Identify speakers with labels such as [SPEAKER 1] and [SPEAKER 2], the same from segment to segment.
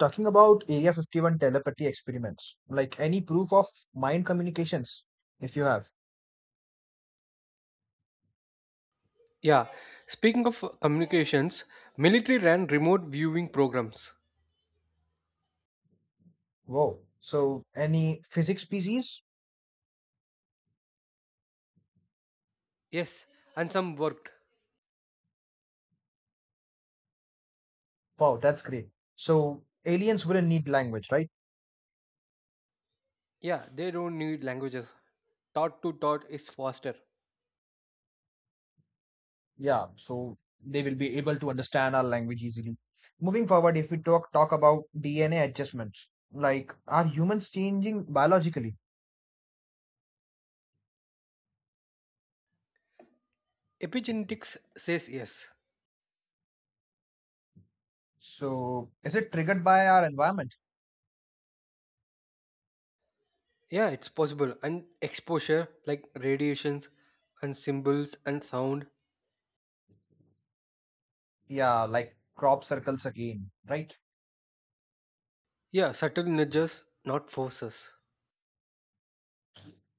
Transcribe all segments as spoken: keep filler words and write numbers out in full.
[SPEAKER 1] Talking about Area fifty-one telepathy experiments, like any proof of mind communications, if you have.
[SPEAKER 2] Yeah, speaking of communications, military ran remote viewing programs.
[SPEAKER 1] Wow. So, any physics species?
[SPEAKER 2] Yes, and some worked.
[SPEAKER 1] Wow, that's great. So, aliens wouldn't need language, right?
[SPEAKER 2] Yeah, they don't need languages. Thought to thought is faster.
[SPEAKER 1] Yeah. So, they will be able to understand our language easily. Moving forward, if we talk talk about D N A adjustments, like are humans changing biologically?
[SPEAKER 2] Epigenetics says yes.
[SPEAKER 1] So, is it triggered by our environment?
[SPEAKER 2] Yeah, it's possible. And exposure, like radiations, and symbols, and sound.
[SPEAKER 1] Yeah, like crop circles again, right?
[SPEAKER 2] Yeah, subtle nudges, not forces.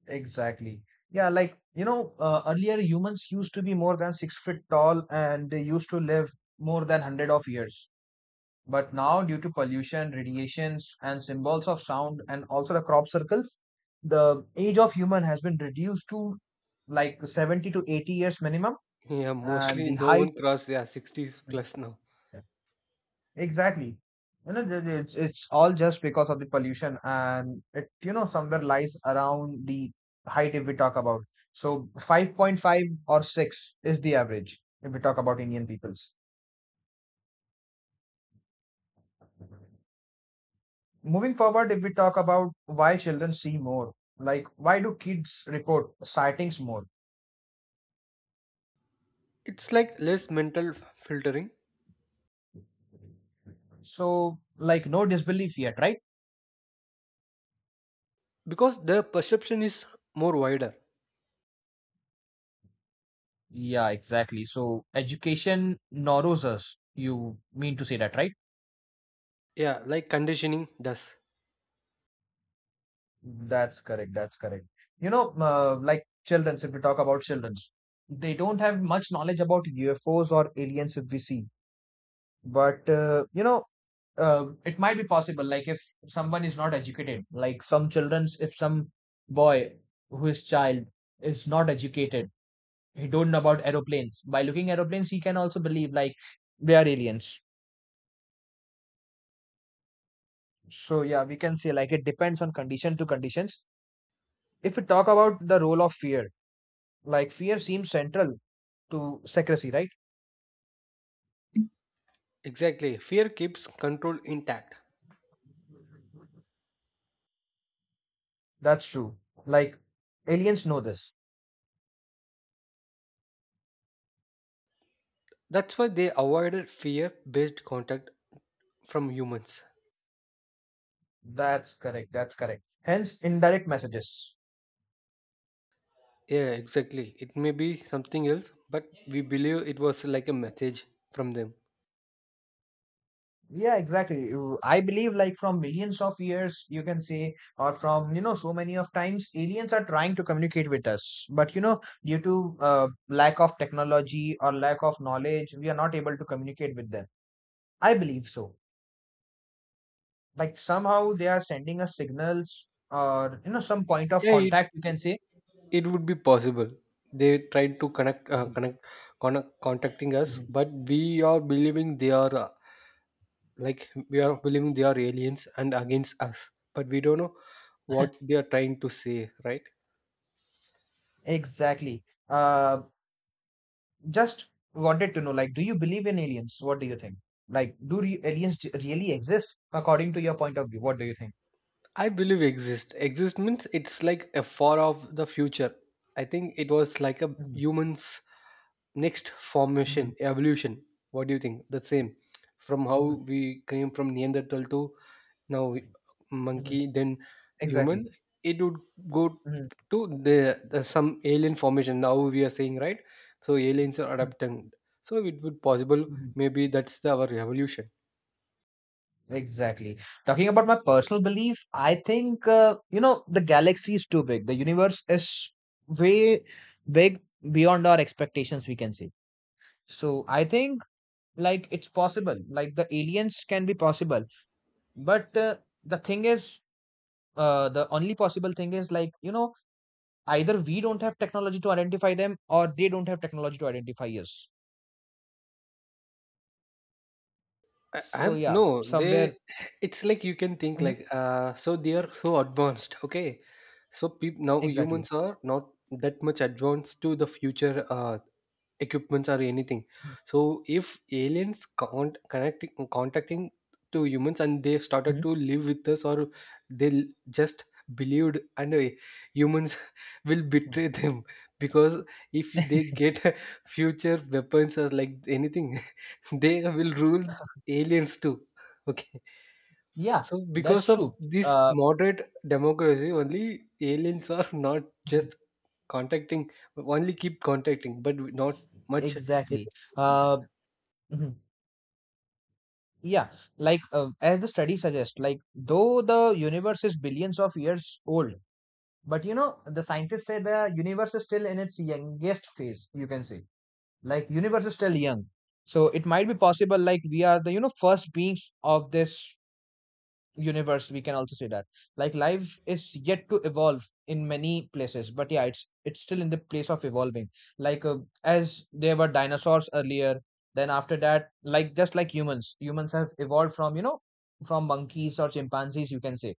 [SPEAKER 1] Exactly. Yeah, like, you know, uh, earlier humans used to be more than six feet tall and they used to live more than hundred of years. But now, due to pollution, radiations, and symbols of sound, and also the crop circles, the age of human has been reduced to like seventy to eighty years minimum,
[SPEAKER 2] Yeah,
[SPEAKER 1] and
[SPEAKER 2] mostly
[SPEAKER 1] the
[SPEAKER 2] no
[SPEAKER 1] height.
[SPEAKER 2] one cross yeah sixty plus now.
[SPEAKER 1] Exactly. You know, the- the- it's it's all just because of the pollution, and it you know somewhere lies around the height if we talk about. So five point five or six is the average if we talk about Indian peoples. Moving forward, if we talk about why children see more, like why do kids report sightings more?
[SPEAKER 2] It's like less mental f- filtering
[SPEAKER 1] So like no disbelief yet, right?
[SPEAKER 2] because the perception is more wider.
[SPEAKER 1] Yeah, exactly. So education narrows us. You mean to say that, right?
[SPEAKER 2] Yeah, like conditioning does.
[SPEAKER 1] That's correct. That's correct. You know, uh, like children. If we talk about children, they don't have much knowledge about U F Os or aliens if we see. But, uh, you know, uh, it might be possible. Like, if someone is not educated, like some childrens, if some boy who is child is not educated, he don't know about aeroplanes. By looking aeroplanes, he can also believe like they are aliens. So yeah, we can say like it depends on condition to conditions. If we talk about the role of fear, like fear seems central to secrecy, right?
[SPEAKER 2] Exactly. Fear keeps control intact.
[SPEAKER 1] That's true. Like aliens know this.
[SPEAKER 2] That's why they avoided fear based contact from humans.
[SPEAKER 1] That's correct. That's correct. Hence, indirect messages.
[SPEAKER 2] Yeah, exactly. It may be something else, but we believe it was like a message from them.
[SPEAKER 1] Yeah, exactly. You- I believe like from millions of years, you can say, or from, you know, so many of times, aliens are trying to communicate with us. But, you know, due to uh, lack of technology or lack of knowledge, we are not able to communicate with them. I believe so. Like somehow they are sending us signals or, you know, some point of
[SPEAKER 2] Yeah, it
[SPEAKER 1] contact, you can say.
[SPEAKER 2] it would be possible. They tried to connect, uh, connect, connect, contacting us,
[SPEAKER 1] Mhm.
[SPEAKER 2] but we are believing they are uh, like we are believing they are aliens and against us. But we don't know what they are trying to say, right?
[SPEAKER 1] Exactly. Uh, Just wanted to know, like, do you believe in aliens? What do you think? Like, do re aliens j- really exist according to your point of view? What do you think?
[SPEAKER 2] I believe exist. Exist means it's like a far off the future. I think it was like a
[SPEAKER 1] Mhm,
[SPEAKER 2] human's next
[SPEAKER 1] mhm,
[SPEAKER 2] formation, evolution. What do you think? The same from how
[SPEAKER 1] mhm,
[SPEAKER 2] we came from Neanderthal to now
[SPEAKER 1] mhm.
[SPEAKER 2] monkey, then
[SPEAKER 1] Exactly.
[SPEAKER 2] human. It would go
[SPEAKER 1] Mhm,
[SPEAKER 2] to the, the some alien formation. Now we are saying right. So aliens are
[SPEAKER 1] mhm,
[SPEAKER 2] adapting. So it would possible.
[SPEAKER 1] mhm.
[SPEAKER 2] Maybe that's the, our evolution.
[SPEAKER 1] Exactly. Talking about my personal belief, I think, uh, you know, the galaxy is too big. The universe is way big beyond our expectations, we can say. So I think, like, it's possible. Like, the aliens can be possible. But uh, the thing is, uh, the only possible thing is like you know either we don't have technology to identify them or they don't have technology to identify us,
[SPEAKER 2] I,
[SPEAKER 1] so
[SPEAKER 2] I'm
[SPEAKER 1] yeah,
[SPEAKER 2] no, they
[SPEAKER 1] somewhere.
[SPEAKER 2] it's like you can think
[SPEAKER 1] Mhm,
[SPEAKER 2] like uh so they are so advanced, okay? So people now
[SPEAKER 1] exactly.
[SPEAKER 2] humans are not that much advanced to the future uh equipments or anything.
[SPEAKER 1] Mhm,
[SPEAKER 2] So if aliens can't connecting contacting to humans and they started
[SPEAKER 1] mhm,
[SPEAKER 2] to live with us or they l- just believed and uh, humans will
[SPEAKER 1] mhm.
[SPEAKER 2] betray them, because if they get future weapons or like anything they will rule aliens too, okay.
[SPEAKER 1] Yeah,
[SPEAKER 2] So,
[SPEAKER 1] that's
[SPEAKER 2] because of
[SPEAKER 1] true.
[SPEAKER 2] this
[SPEAKER 1] uh,
[SPEAKER 2] moderate democracy, only aliens are not
[SPEAKER 1] mhm,
[SPEAKER 2] just contacting, only keep contacting, but not much
[SPEAKER 1] exactly.
[SPEAKER 2] interactions.
[SPEAKER 1] uh, mhm. Yeah, like uh, as the study suggests, like though the universe is billions of years old, but you know the scientists say the universe is still in its youngest phase, you can say. Like universe is still young, so it might be possible, like we are the, you know first beings of this universe, we can also say that. Like life is yet to evolve in many places, but yeah, it's it's still in the place of evolving, like uh, as there were dinosaurs earlier, then after that, like just like humans humans have evolved from, you know from monkeys or chimpanzees, you can say.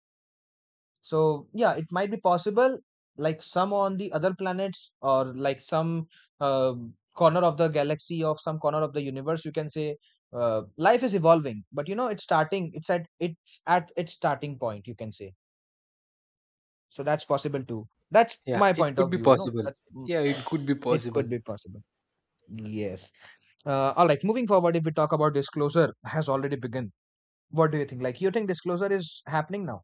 [SPEAKER 1] So yeah, it might be possible, like some on the other planets or like some uh, corner of the galaxy of some corner of the universe, you can say. uh, life is evolving, but you know it's starting, it's at it's at its starting point, you can say. So that's possible too, that's
[SPEAKER 2] Yeah,
[SPEAKER 1] my
[SPEAKER 2] it
[SPEAKER 1] point
[SPEAKER 2] could
[SPEAKER 1] of
[SPEAKER 2] be
[SPEAKER 1] view, you know
[SPEAKER 2] possible.
[SPEAKER 1] that's, mm,
[SPEAKER 2] Yeah, it
[SPEAKER 1] mm,
[SPEAKER 2] could be
[SPEAKER 1] it
[SPEAKER 2] possible.
[SPEAKER 1] could be possible. Yes. uh, all right, moving forward, if we talk about disclosure has already begun, what do you think? Like, you think disclosure is happening now?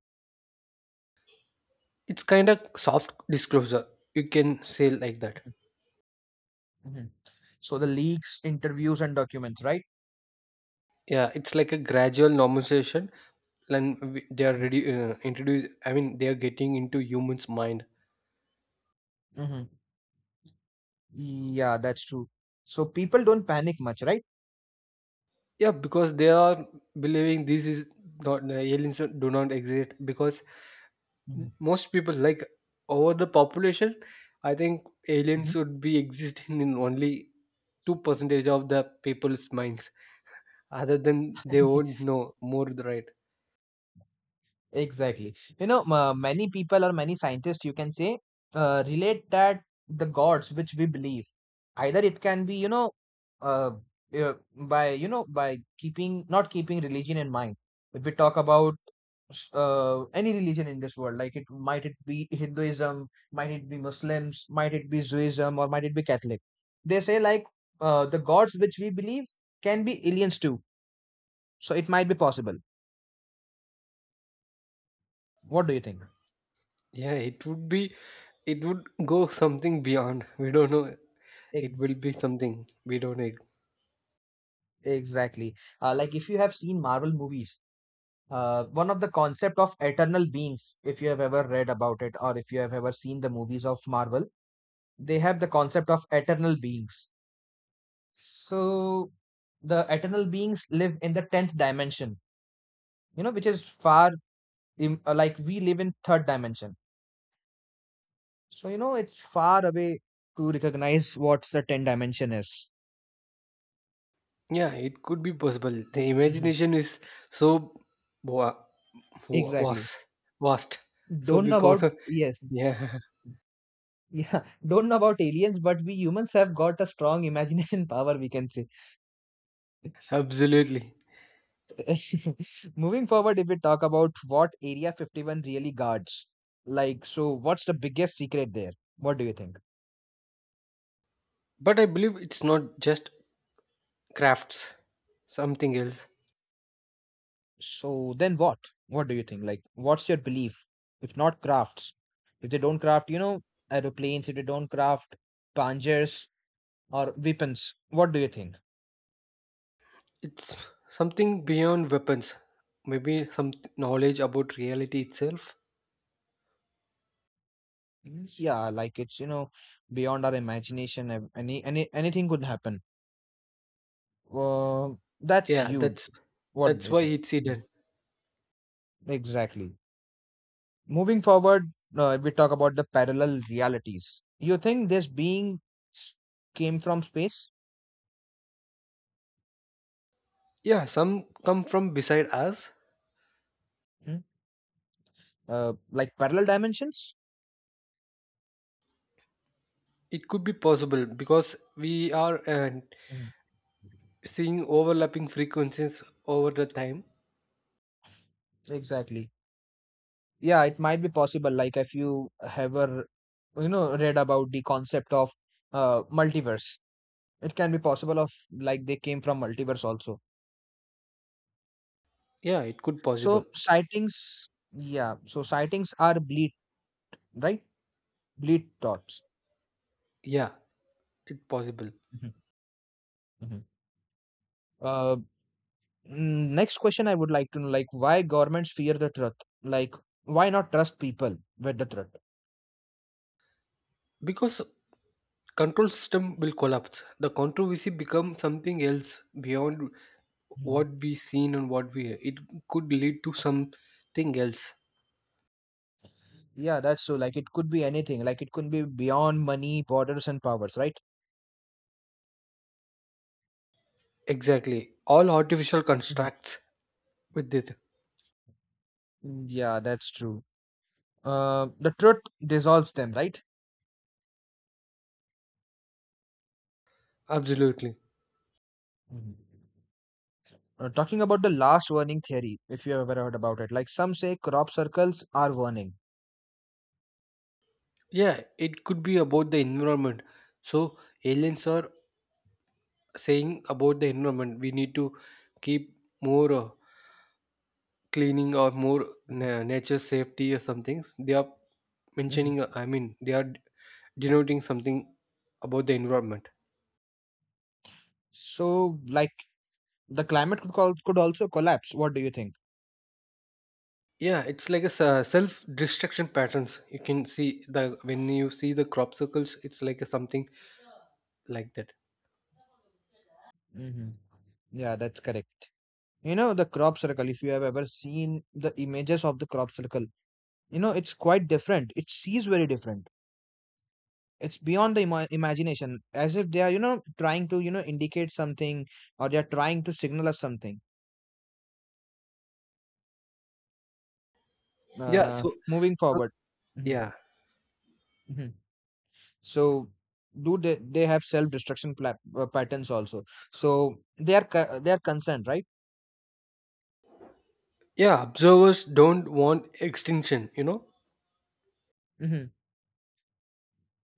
[SPEAKER 2] It's kind of soft disclosure. You can say like that.
[SPEAKER 1] Hmm. So the leaks, interviews, and documents, right?
[SPEAKER 2] Yeah, it's like a gradual normalization. Then we- they are ready, uh, introduced. I mean, they are getting into humans' mind.
[SPEAKER 1] Mm-hmm. Yeah, that's true. So people don't panic much, right?
[SPEAKER 2] Yeah, because they are believing this is not, the aliens do not exist, because
[SPEAKER 1] Mhm.
[SPEAKER 2] most people, like, over the population, I think aliens
[SPEAKER 1] Mhm.
[SPEAKER 2] would be existing in only two percentage of the people's minds. Other than, they won't know more, right?
[SPEAKER 1] Exactly. You know, ma many people or many scientists, you can say, uh, relate that the gods which we believe, either it can be, you know, uh, uh, by, you know, by keeping, not keeping religion in mind. If we talk about uh, any religion in this world, like it might it be Hinduism, might it be Muslims, might it be Judaism, or might it be Catholic, they say like uh, the gods which we believe can be aliens too, so it might be possible. What do you think?
[SPEAKER 2] Yeah, it would be it would go something beyond we don't know. It will
[SPEAKER 1] Ex-
[SPEAKER 2] be something we don't know.
[SPEAKER 1] exactly. uh, like if you have seen Marvel movies, uh, one of the concept of eternal beings, if you have ever read about it or if you have ever seen the movies of Marvel, they have the concept of eternal beings. So the eternal beings live in the tenth dimension, you know, which is far, im- uh, like we live in third dimension. So you know, it's far away to recognize what's the ten dimension is.
[SPEAKER 2] Yeah, it could be possible. The
[SPEAKER 1] Mhm.
[SPEAKER 2] imagination is so wa- wa-
[SPEAKER 1] Exactly.
[SPEAKER 2] vast vast, so
[SPEAKER 1] Don't
[SPEAKER 2] we
[SPEAKER 1] know
[SPEAKER 2] can't.
[SPEAKER 1] about, yes,
[SPEAKER 2] Yeah,
[SPEAKER 1] yeah. Don't know about aliens, but we humans have got a strong imagination power. We can say.
[SPEAKER 2] absolutely.
[SPEAKER 1] Moving forward, if we talk about what Area fifty-one really guards, like, so what's the biggest secret there? What do you think?
[SPEAKER 2] But I believe it's not just crafts, something else.
[SPEAKER 1] So then what? What do you think? Like, what's your belief? If not crafts, if they don't craft, you know, aeroplanes, if they don't craft panzers or weapons, what do you think?
[SPEAKER 2] It's something beyond weapons. Maybe some knowledge about reality itself.
[SPEAKER 1] Mm, Yeah, like it's, you know, beyond our imagination. ev- Any, any, anything could happen. Uh, that's
[SPEAKER 2] Yeah,
[SPEAKER 1] huge.
[SPEAKER 2] that's
[SPEAKER 1] What do
[SPEAKER 2] that's
[SPEAKER 1] you
[SPEAKER 2] why
[SPEAKER 1] think?
[SPEAKER 2] it's
[SPEAKER 1] Mm.
[SPEAKER 2] hidden.
[SPEAKER 1] Exactly. Moving forward, uh, we talk about the parallel realities. You think this being s- came from space?
[SPEAKER 2] Yeah, some come from beside us.
[SPEAKER 1] Hmm? Uh, like parallel dimensions?
[SPEAKER 2] It could be possible because we are uh, seeing overlapping frequencies over the time.
[SPEAKER 1] Exactly. Yeah, it might be possible. Like if you ever, you know, read about the concept of uh, multiverse, it can be possible of like they came from multiverse also.
[SPEAKER 2] Yeah, it could possible.
[SPEAKER 1] So sightings, yeah. So sightings are bleed, right? Bleed thoughts.
[SPEAKER 2] Yeah, it possible,
[SPEAKER 1] Mhm, mhm. Uh, mm, next question I would like to know, like why governments fear the truth? Like why not trust people with the truth?
[SPEAKER 2] because control system will collapse. The controversy become something else beyond what
[SPEAKER 1] Mhm.
[SPEAKER 2] we seen and what we hear. It could lead to something else.
[SPEAKER 1] Yeah, that's so. Like it could be anything. Like it could be beyond money, borders, and powers, right?
[SPEAKER 2] Exactly. All artificial constructs with it.
[SPEAKER 1] Yeah, that's true. Uh, the truth dissolves them, right?
[SPEAKER 2] Absolutely.
[SPEAKER 1] Mhm. Uh, talking about the last warning theory, if you have ever heard about it, like some say crop circles are warning.
[SPEAKER 2] Yeah, it could be about the environment. So aliens are saying about the environment. We need to keep more, uh, cleaning or more
[SPEAKER 1] Mhm.
[SPEAKER 2] na- nature safety or something. They are
[SPEAKER 1] Mhm.
[SPEAKER 2] mentioning, uh, I mean, they are denoting something about the environment.
[SPEAKER 1] So, like the climate could, call, could also collapse. What do you think?
[SPEAKER 2] Yeah, it's like a s- self-destruction patterns. You can see, the when you see the crop circles, it's like a something like that.
[SPEAKER 1] Hmm. Yeah, that's correct. You know, the crop circle, if you have ever seen the images of the crop circle, you know, it's quite different. It sees very different. It's beyond the ima- imagination, as if they are, you know trying to, you know indicate something, or they are trying to signal us something.
[SPEAKER 2] Yeah,
[SPEAKER 1] Uh
[SPEAKER 2] so,
[SPEAKER 1] moving
[SPEAKER 2] so
[SPEAKER 1] forward. Mhm,
[SPEAKER 2] yeah,
[SPEAKER 1] mhm. So do they they have self destruction pla- uh, patterns also, so they are co- they are concerned, right?
[SPEAKER 2] yeah. Observers don't want extinction. You know,
[SPEAKER 1] Hmm.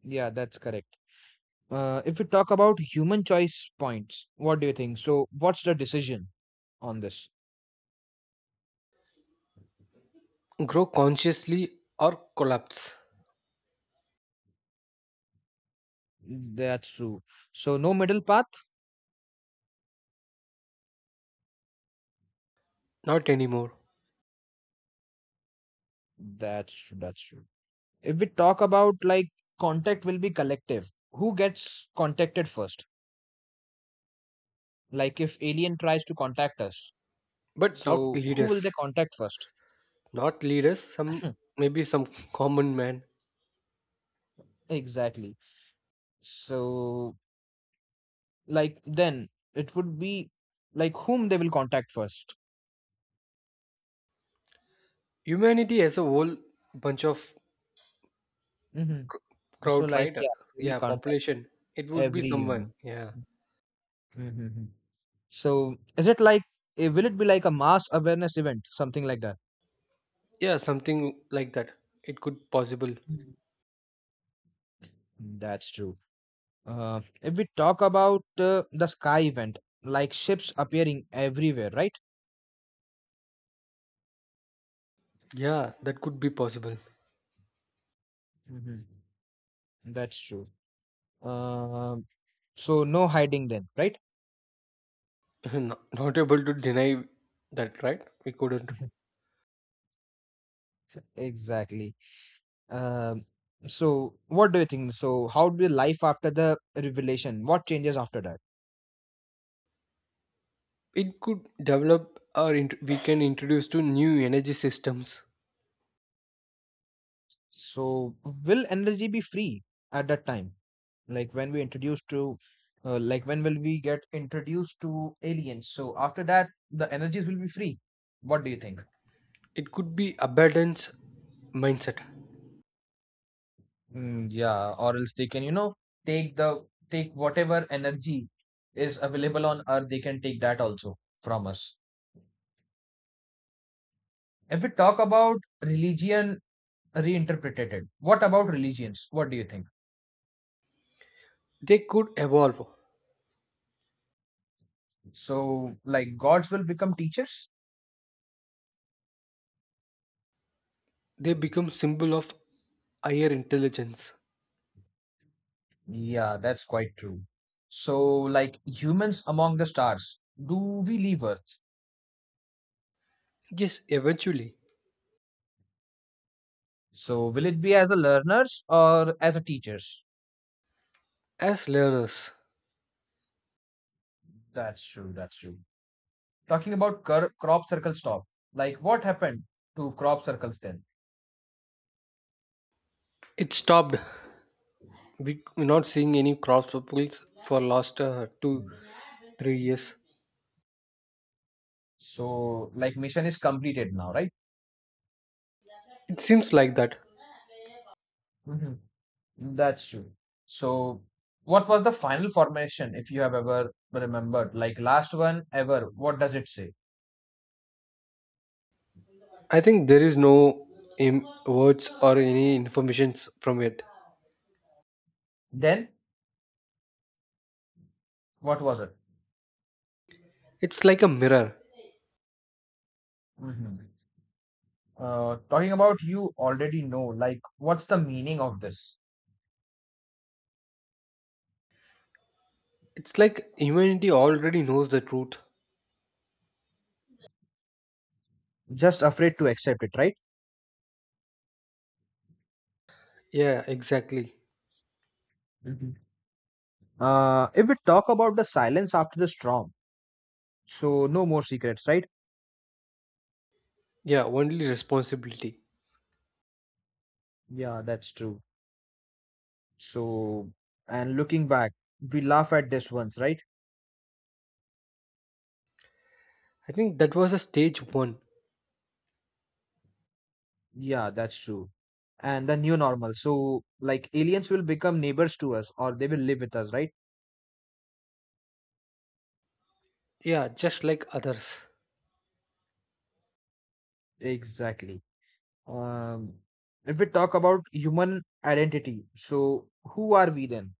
[SPEAKER 1] Yeah, that's correct. uh, if we talk about human choice points, what do you think? So what's the decision on this?
[SPEAKER 2] Grow consciously or collapse.
[SPEAKER 1] That's true. So no middle path.
[SPEAKER 2] Not anymore.
[SPEAKER 1] That's that's true. If we talk about, like, contact will be collective, who gets contacted first, like if alien tries to contact us,
[SPEAKER 2] But not
[SPEAKER 1] so who will they
[SPEAKER 2] leaders.
[SPEAKER 1] contact first?
[SPEAKER 2] Not leaders. Some, maybe some common man.
[SPEAKER 1] Exactly. So, like then it would be, like, whom they will contact first?
[SPEAKER 2] Humanity as a whole bunch of
[SPEAKER 1] Hmm. So
[SPEAKER 2] crowd,
[SPEAKER 1] like,
[SPEAKER 2] right?
[SPEAKER 1] yeah, they will
[SPEAKER 2] Yeah,
[SPEAKER 1] contact
[SPEAKER 2] population. It would be
[SPEAKER 1] every
[SPEAKER 2] someone.
[SPEAKER 1] human.
[SPEAKER 2] Yeah.
[SPEAKER 1] Mm-hmm. So is it like, eh, will it be like a mass awareness event, something like that?
[SPEAKER 2] Yeah, something like that. It could possible.
[SPEAKER 1] Mhm. That's true. Uh, if we talk about uh, the sky event, like ships appearing everywhere, right?
[SPEAKER 2] Yeah, that could be possible.
[SPEAKER 1] Mhm. That's true. Um, so no hiding then, right?
[SPEAKER 2] not, not able to deny that, right? We couldn't.
[SPEAKER 1] Exactly. Um, so what do you think? So how will life after the revelation? What changes after that?
[SPEAKER 2] It could develop or int- we can introduce to new energy systems.
[SPEAKER 1] So will energy be free at that time? Like when we introduced to, uh, like when will we get introduced to aliens? So after that, the energies will be free. What do you think?
[SPEAKER 2] It could be abundance mindset.
[SPEAKER 1] Mm, yeah, or else they can, you know, take the take whatever energy is available on Earth, they can take that also from us. If we talk about religion reinterpreted, what about religions? What do you think?
[SPEAKER 2] They could evolve.
[SPEAKER 1] So, like gods will become teachers?
[SPEAKER 2] They become symbol of higher intelligence.
[SPEAKER 1] Yeah, that's quite true. So, like humans among the stars, do we leave Earth?
[SPEAKER 2] Yes, eventually.
[SPEAKER 1] So, will it be as a learners or as a teachers?
[SPEAKER 2] As learners,
[SPEAKER 1] That's true, that's true. Talking about cur- crop circle stop, like what happened to crop circles then?
[SPEAKER 2] it stopped. We, we're not seeing any cross purples for last uh, two,
[SPEAKER 1] Mhm.
[SPEAKER 2] three years.
[SPEAKER 1] So like mission is completed now, right?
[SPEAKER 2] It seems like that.
[SPEAKER 1] Mhm. That's true. So what was the final formation, if you have ever remembered, like last one ever? What does it say?
[SPEAKER 2] I think there is no Im- words or any information from it.
[SPEAKER 1] Then what was it?
[SPEAKER 2] It's like a mirror.
[SPEAKER 1] Mhm. Uh, talking about, you already know, like what's the meaning of this?
[SPEAKER 2] It's like humanity already knows the truth.
[SPEAKER 1] Just afraid to accept it, right?
[SPEAKER 2] Yeah, exactly.
[SPEAKER 1] Mhm. Uh, if we talk about the silence after the storm, so no more secrets, right?
[SPEAKER 2] Yeah, only responsibility.
[SPEAKER 1] Yeah, that's true. So, and looking back, we laugh at this once, right?
[SPEAKER 2] I think that was a stage one.
[SPEAKER 1] Yeah, that's true. And the new normal. So, like aliens will become neighbors to us or they will live with us, right?
[SPEAKER 2] Yeah, just like others.
[SPEAKER 1] Exactly. Um, if we talk about human identity, so who are we then?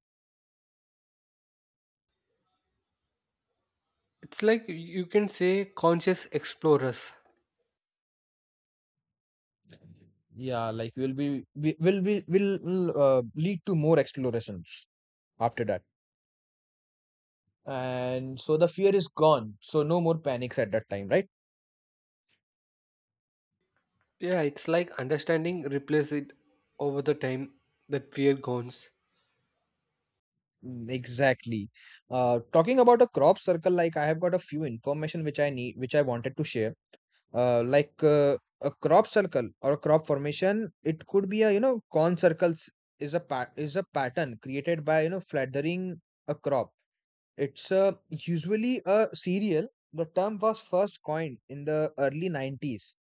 [SPEAKER 2] It's like you can say conscious explorers.
[SPEAKER 1] Yeah, like we'll be we will be will will, uh, lead to more explorations after that. And so the fear is gone. So no more panics at that time, right?
[SPEAKER 2] Yeah, it's like understanding replace it over the time that fear goes.
[SPEAKER 1] Mm, exactly. Uh, talking about a crop circle, like I have got a few information, which I need, which I wanted to share. Uh, like uh, a crop circle or a crop formation, it could be a, you know, corn circles, is a pa is a pattern created by, you know, flattering a crop. It's uh, usually a cereal. The term was first coined in the early nineties,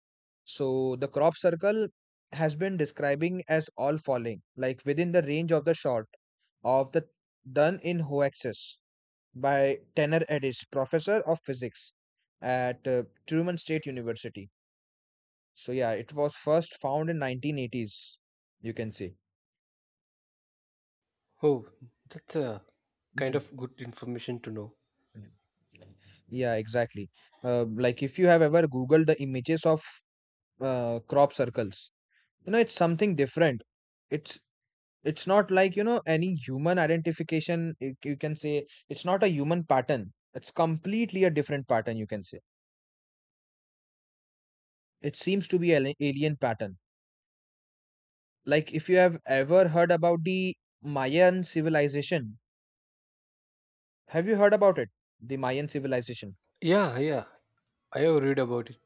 [SPEAKER 1] so the crop circle has been describing as all falling, like within the range of the shot of the done in hoaxes by Tanner Eddis, professor of physics at uh, Truman State University. So yeah, it was first found in nineteen eighties. You can see.
[SPEAKER 2] Oh, that's a kind
[SPEAKER 1] Mhm.
[SPEAKER 2] of good information to know.
[SPEAKER 1] Yeah, exactly. Uh, like if you have ever Googled the images of uh, crop circles, you know, it's something different. It's It's not like, you know, any human identification. You you can say it's not a human pattern. It's completely a different pattern, you can say. It seems to be an alien pattern. Like if you have ever heard about the Mayan civilization, have you heard about it? The Mayan civilization.
[SPEAKER 2] Yeah, yeah. I have read about it.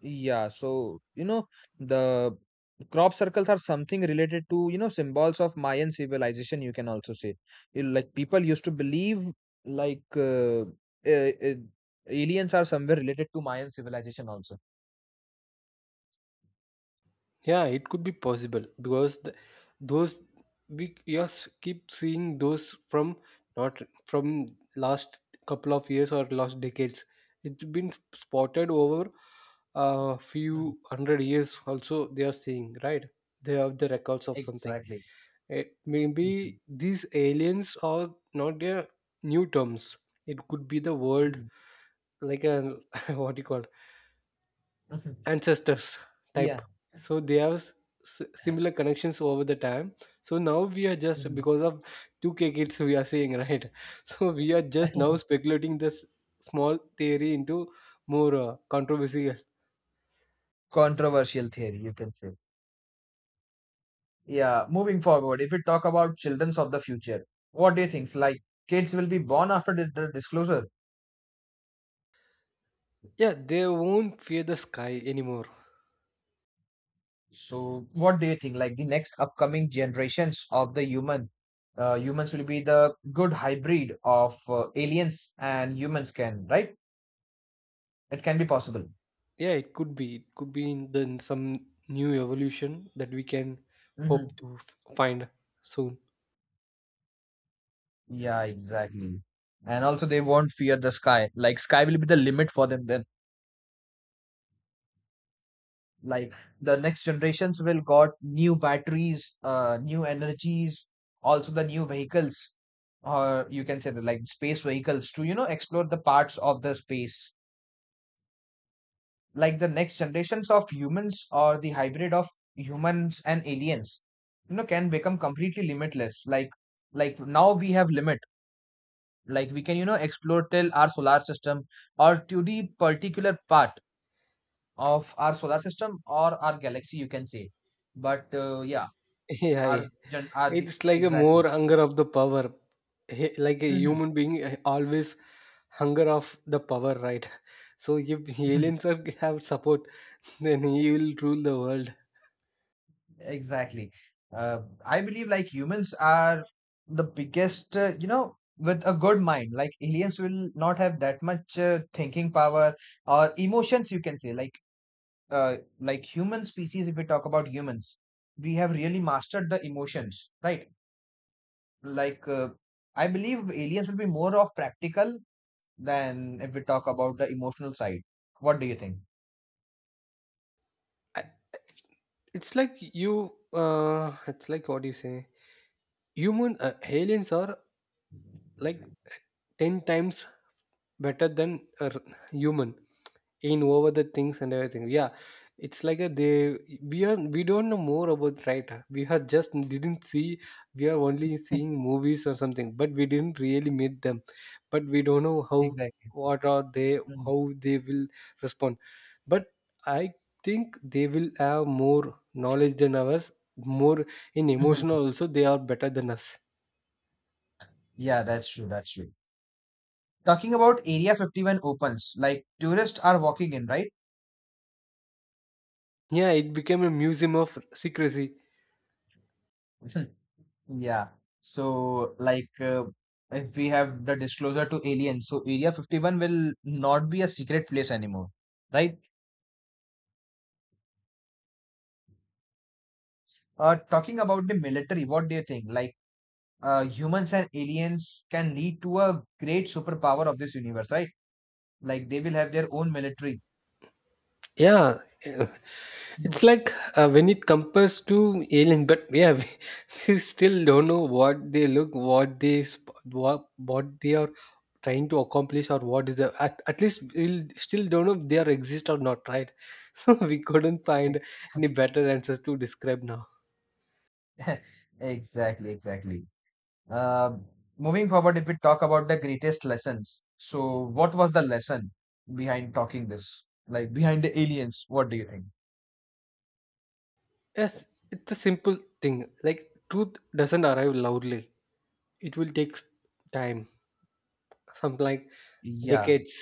[SPEAKER 1] Yeah, so you know, the crop circles are something related to, you know, symbols of Mayan civilization, you can also say. You- like people used to believe, like uh, uh, uh, aliens are somewhere related to Mayan civilization also.
[SPEAKER 2] Yeah, it could be possible, because the, those, we just keep seeing those from, not from last couple of years or last decades. It's been spotted over a
[SPEAKER 1] Mhm.
[SPEAKER 2] few hundred years. Also, they are seeing right. They have the records of something.
[SPEAKER 1] Exactly.
[SPEAKER 2] It,
[SPEAKER 1] Mhm,
[SPEAKER 2] maybe these aliens are not their new terms. It could be the world
[SPEAKER 1] mhm,
[SPEAKER 2] like a, what do you call,
[SPEAKER 1] mhm.
[SPEAKER 2] ancestors type,
[SPEAKER 1] Yeah.
[SPEAKER 2] so they have s- s- similar connections over the time. So now we are just,
[SPEAKER 1] Mhm.
[SPEAKER 2] because of two k kids we are saying right, so we are just now speculating this small theory into more, uh, controversial.
[SPEAKER 1] Controversial theory, you can say. Yeah. Moving forward, if we talk about childrens of the future, what do you think? Like kids will be born after the the disclosure?
[SPEAKER 2] Yeah, they won't fear the sky anymore.
[SPEAKER 1] So, what do you think? Like the next upcoming generations of the human, uh, humans will be the good hybrid of uh, aliens and humans can, right? It can be possible.
[SPEAKER 2] Yeah, it could be it could be in the in some new evolution that we can
[SPEAKER 1] Hmm.
[SPEAKER 2] hope to f- find soon.
[SPEAKER 1] Yeah, exactly. And also, they won't fear the sky. Like sky will be the limit for them then. Like the next generations will got new batteries, uh, new energies, also the new vehicles, or you can say that like space vehicles to, you know, explore the parts of the space, like the next generations of humans or the hybrid of humans and aliens, you know, can become completely limitless. Like like now we have limit, like we can, you know, explore till our solar system or to the particular part of our solar system or our galaxy, you can say. But uh, yeah,
[SPEAKER 2] Yeah, yeah.
[SPEAKER 1] our gen our the
[SPEAKER 2] It's like a more
[SPEAKER 1] exactly.
[SPEAKER 2] hunger of the power. He- Like a
[SPEAKER 1] Mhm.
[SPEAKER 2] human being, uh, always hunger of the power, right? So if aliens are, have support, then he will rule the world.
[SPEAKER 1] Exactly. Uh, I believe like humans are the biggest, uh, you know, with a good mind. Like aliens will not have that much uh, thinking power or emotions, you can say. Like, uh, like human species, if we talk about humans, we have really mastered the emotions, right? Like, uh, I believe aliens will be more of practical than if we talk about the emotional side. What do you think?
[SPEAKER 2] I- It's like you, uh, it's like what do you say? Human uh, aliens are like ten times better than, uh, human in over the things and everything. Yeah, it's like a, they we are we don't know more about, right? Huh? We are just didn't see, we are only seeing movies or something, but we didn't really meet them. But we don't know how,
[SPEAKER 1] Exactly.
[SPEAKER 2] what are they,
[SPEAKER 1] Mm.
[SPEAKER 2] how they will respond. But I think they will have more knowledge than ours, more. In
[SPEAKER 1] Mhm.
[SPEAKER 2] emotional also, they are better than us.
[SPEAKER 1] Yeah, that's true. That's true. Talking about Area fifty-one opens, like tourists are walking in, right?
[SPEAKER 2] Yeah, it became a museum of secrecy.
[SPEAKER 1] Yeah. So, like, uh, if we have the disclosure to aliens, so Area fifty-one will not be a secret place anymore, right? Uh, talking about the military, what do you think? Like, uh, humans and aliens can lead to a great superpower of this universe, right? Like, they will have their own military.
[SPEAKER 2] Yeah. It's
[SPEAKER 1] Mhm.
[SPEAKER 2] like, uh, when it compares to alien, but yeah, we, we still don't know what they look, what they, sp- what, what they are trying to accomplish, or what is the. At, at least we still don't know if they are exist or not, right? So we couldn't find any better answers to describe now.
[SPEAKER 1] Ex- Exactly, exactly. Uh, Moving forward, if we talk about the greatest lessons, so what was the lesson behind talking this? Like behind the aliens, what do you think?
[SPEAKER 2] Yes, it's a simple thing. Like truth doesn't arrive loudly. It will take s- time, something like
[SPEAKER 1] Yeah,
[SPEAKER 2] decades.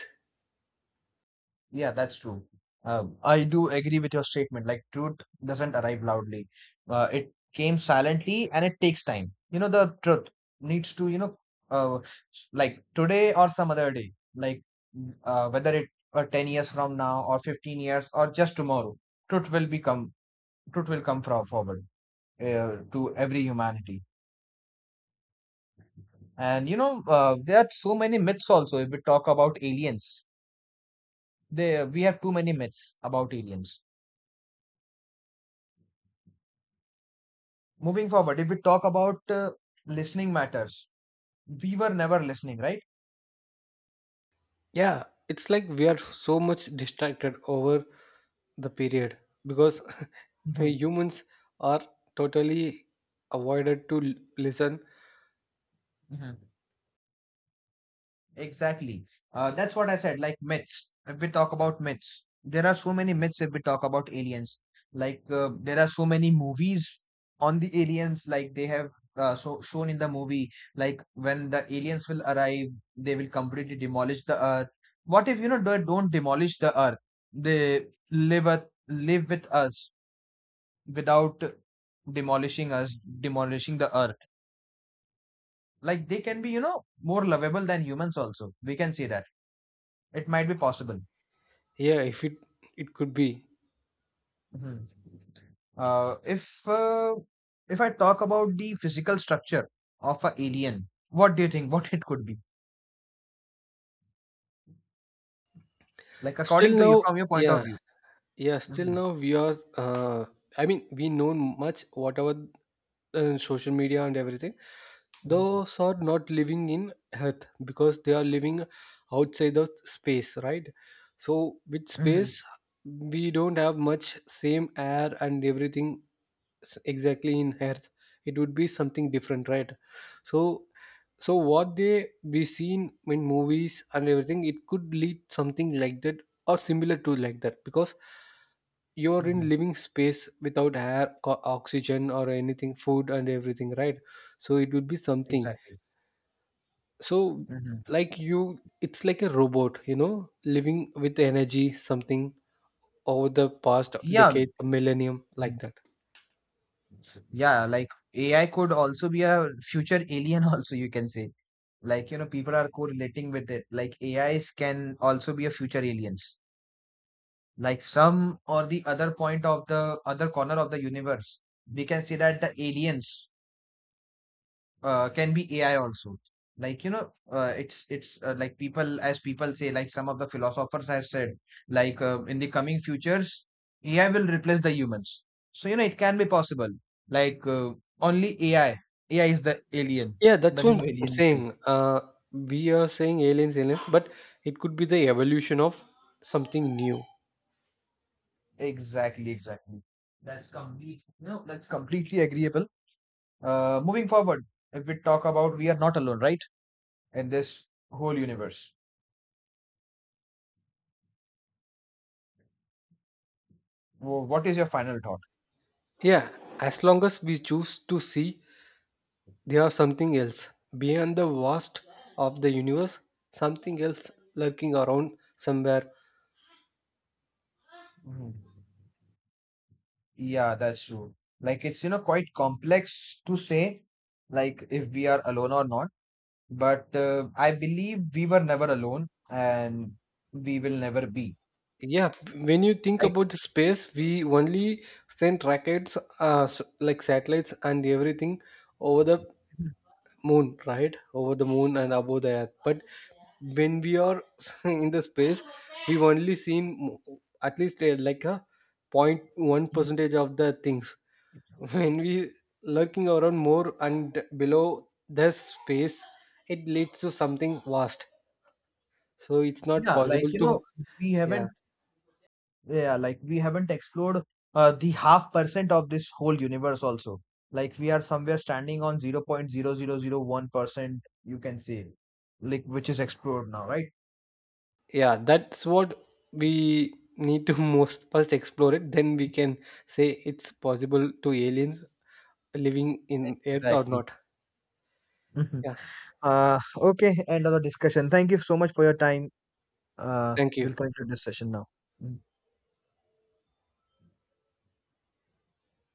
[SPEAKER 1] yeah, that's true. Um, I do agree with your statement. Like, truth doesn't arrive loudly. Uh, it came silently and it takes time. You know, the truth needs to, you know, uh, s- like today or some other day, like uh, whether it or ten years from now or fifteen years or just tomorrow, truth will become, truth will come from forward. Uh, to every humanity. And you know, uh, there are so many myths also. If we talk about aliens, there we have too many myths about aliens. Moving forward, if we talk about uh, listening matters, we were never listening, right?
[SPEAKER 2] Yeah, it's like we are so much distracted over the period, because the
[SPEAKER 1] Mhm.
[SPEAKER 2] humans are totally avoided to l- listen.
[SPEAKER 1] Mhm. Exactly. Uh, that's what I said, like myths. If we talk about myths, there are so many myths if we talk about aliens. Like, uh, there are so many movies on the aliens, like they have uh, so shown in the movie, like when the aliens will arrive, they will completely demolish the earth. What if, you know, they don't demolish the earth? They live at, live with us without demolishing us, demolishing the earth. Like, they can be, you know, more lovable than humans also. We can see that. It might be possible.
[SPEAKER 2] Yeah, if it it could be.
[SPEAKER 1] Mhm. Uh, if uh, if I talk about the physical structure of an alien, what do you think? What it could be? Like
[SPEAKER 2] Still
[SPEAKER 1] according to you,
[SPEAKER 2] now,
[SPEAKER 1] from your point of
[SPEAKER 2] yeah,
[SPEAKER 1] view.
[SPEAKER 2] yeah, still
[SPEAKER 1] Hmm.
[SPEAKER 2] now we are, uh, I mean we know much whatever, uh, social media and everything.
[SPEAKER 1] Hmm.
[SPEAKER 2] Those are not living in earth because they are living outside the space, right? So with
[SPEAKER 1] Hmm.
[SPEAKER 2] space, we don't have much same air and everything s- exactly in earth. It would be something different, right? So so what they be seen in movies and everything, it could lead something like that, or similar to like that, because you're
[SPEAKER 1] Hmm.
[SPEAKER 2] in living space without air, co- oxygen or anything, food and everything, right? So it would be something.
[SPEAKER 1] Exactly.
[SPEAKER 2] So,
[SPEAKER 1] Hmm.
[SPEAKER 2] like, you, it's like a robot, you know living with energy, something over the past
[SPEAKER 1] Yeah.
[SPEAKER 2] decade millennium like
[SPEAKER 1] Mhm.
[SPEAKER 2] that.
[SPEAKER 1] Yeah. Like A I could also be a future alien. Also, you can say. Like you know, people are correlating with it. Like A Is can also be a future aliens. Like some or the other point of the other corner of the universe, we can see that the aliens uh, can be A I also. Like you know, uh, it's it's uh, like people as people say, like some of the philosophers have said, like, uh, in the coming futures, A I will replace the humans. So you know, it can be possible. Like uh, Only A I, A I is the alien,
[SPEAKER 2] Yeah, that's
[SPEAKER 1] the new
[SPEAKER 2] what I'm
[SPEAKER 1] alien, you can say.
[SPEAKER 2] saying. Uh, we are saying aliens, aliens, but it could be the evolution of something new.
[SPEAKER 1] Exactly, exactly. That's complete. No, that's completely agreeable. Uh, moving forward, if we talk about we are not alone, right, in this whole universe. Wh- What is your final thought?
[SPEAKER 2] Yeah, as long as we choose to see, there are something else beyond the vast of the universe, something else lurking around somewhere.
[SPEAKER 1] Mhm. Yeah, that's true. Like it's, you know, quite complex to say, like if we are alone or not. But uh, I believe we were never alone and we will never be.
[SPEAKER 2] Yeah, when you think
[SPEAKER 1] Like,
[SPEAKER 2] about the space, we only sent rockets, uh, s- like satellites and everything, over the moon right, over the moon and above the earth, but when we are in the space, we've only seen mo- at least, uh, like a point one percentage of the things. When we lurking around more and below the space, it leads to something vast, so it's not
[SPEAKER 1] yeah,
[SPEAKER 2] possible
[SPEAKER 1] like, you
[SPEAKER 2] to.
[SPEAKER 1] know, we
[SPEAKER 2] Yeah,
[SPEAKER 1] haven't, yeah, like we haven't explored uh, the half percent of this whole universe also. Like we are somewhere standing on zero point zero zero zero one percent, you can say, like which is explored now, right?
[SPEAKER 2] yeah, that's what we need to most first explore it, then we can say it's possible to aliens living in earth or
[SPEAKER 1] Exactly.
[SPEAKER 2] not.
[SPEAKER 1] Mhm.
[SPEAKER 2] Yeah.
[SPEAKER 1] Uh, okay, end of the discussion. Thank you so much for your time. Uh,
[SPEAKER 2] Thank you.
[SPEAKER 1] we'll conclude this session now. Mm.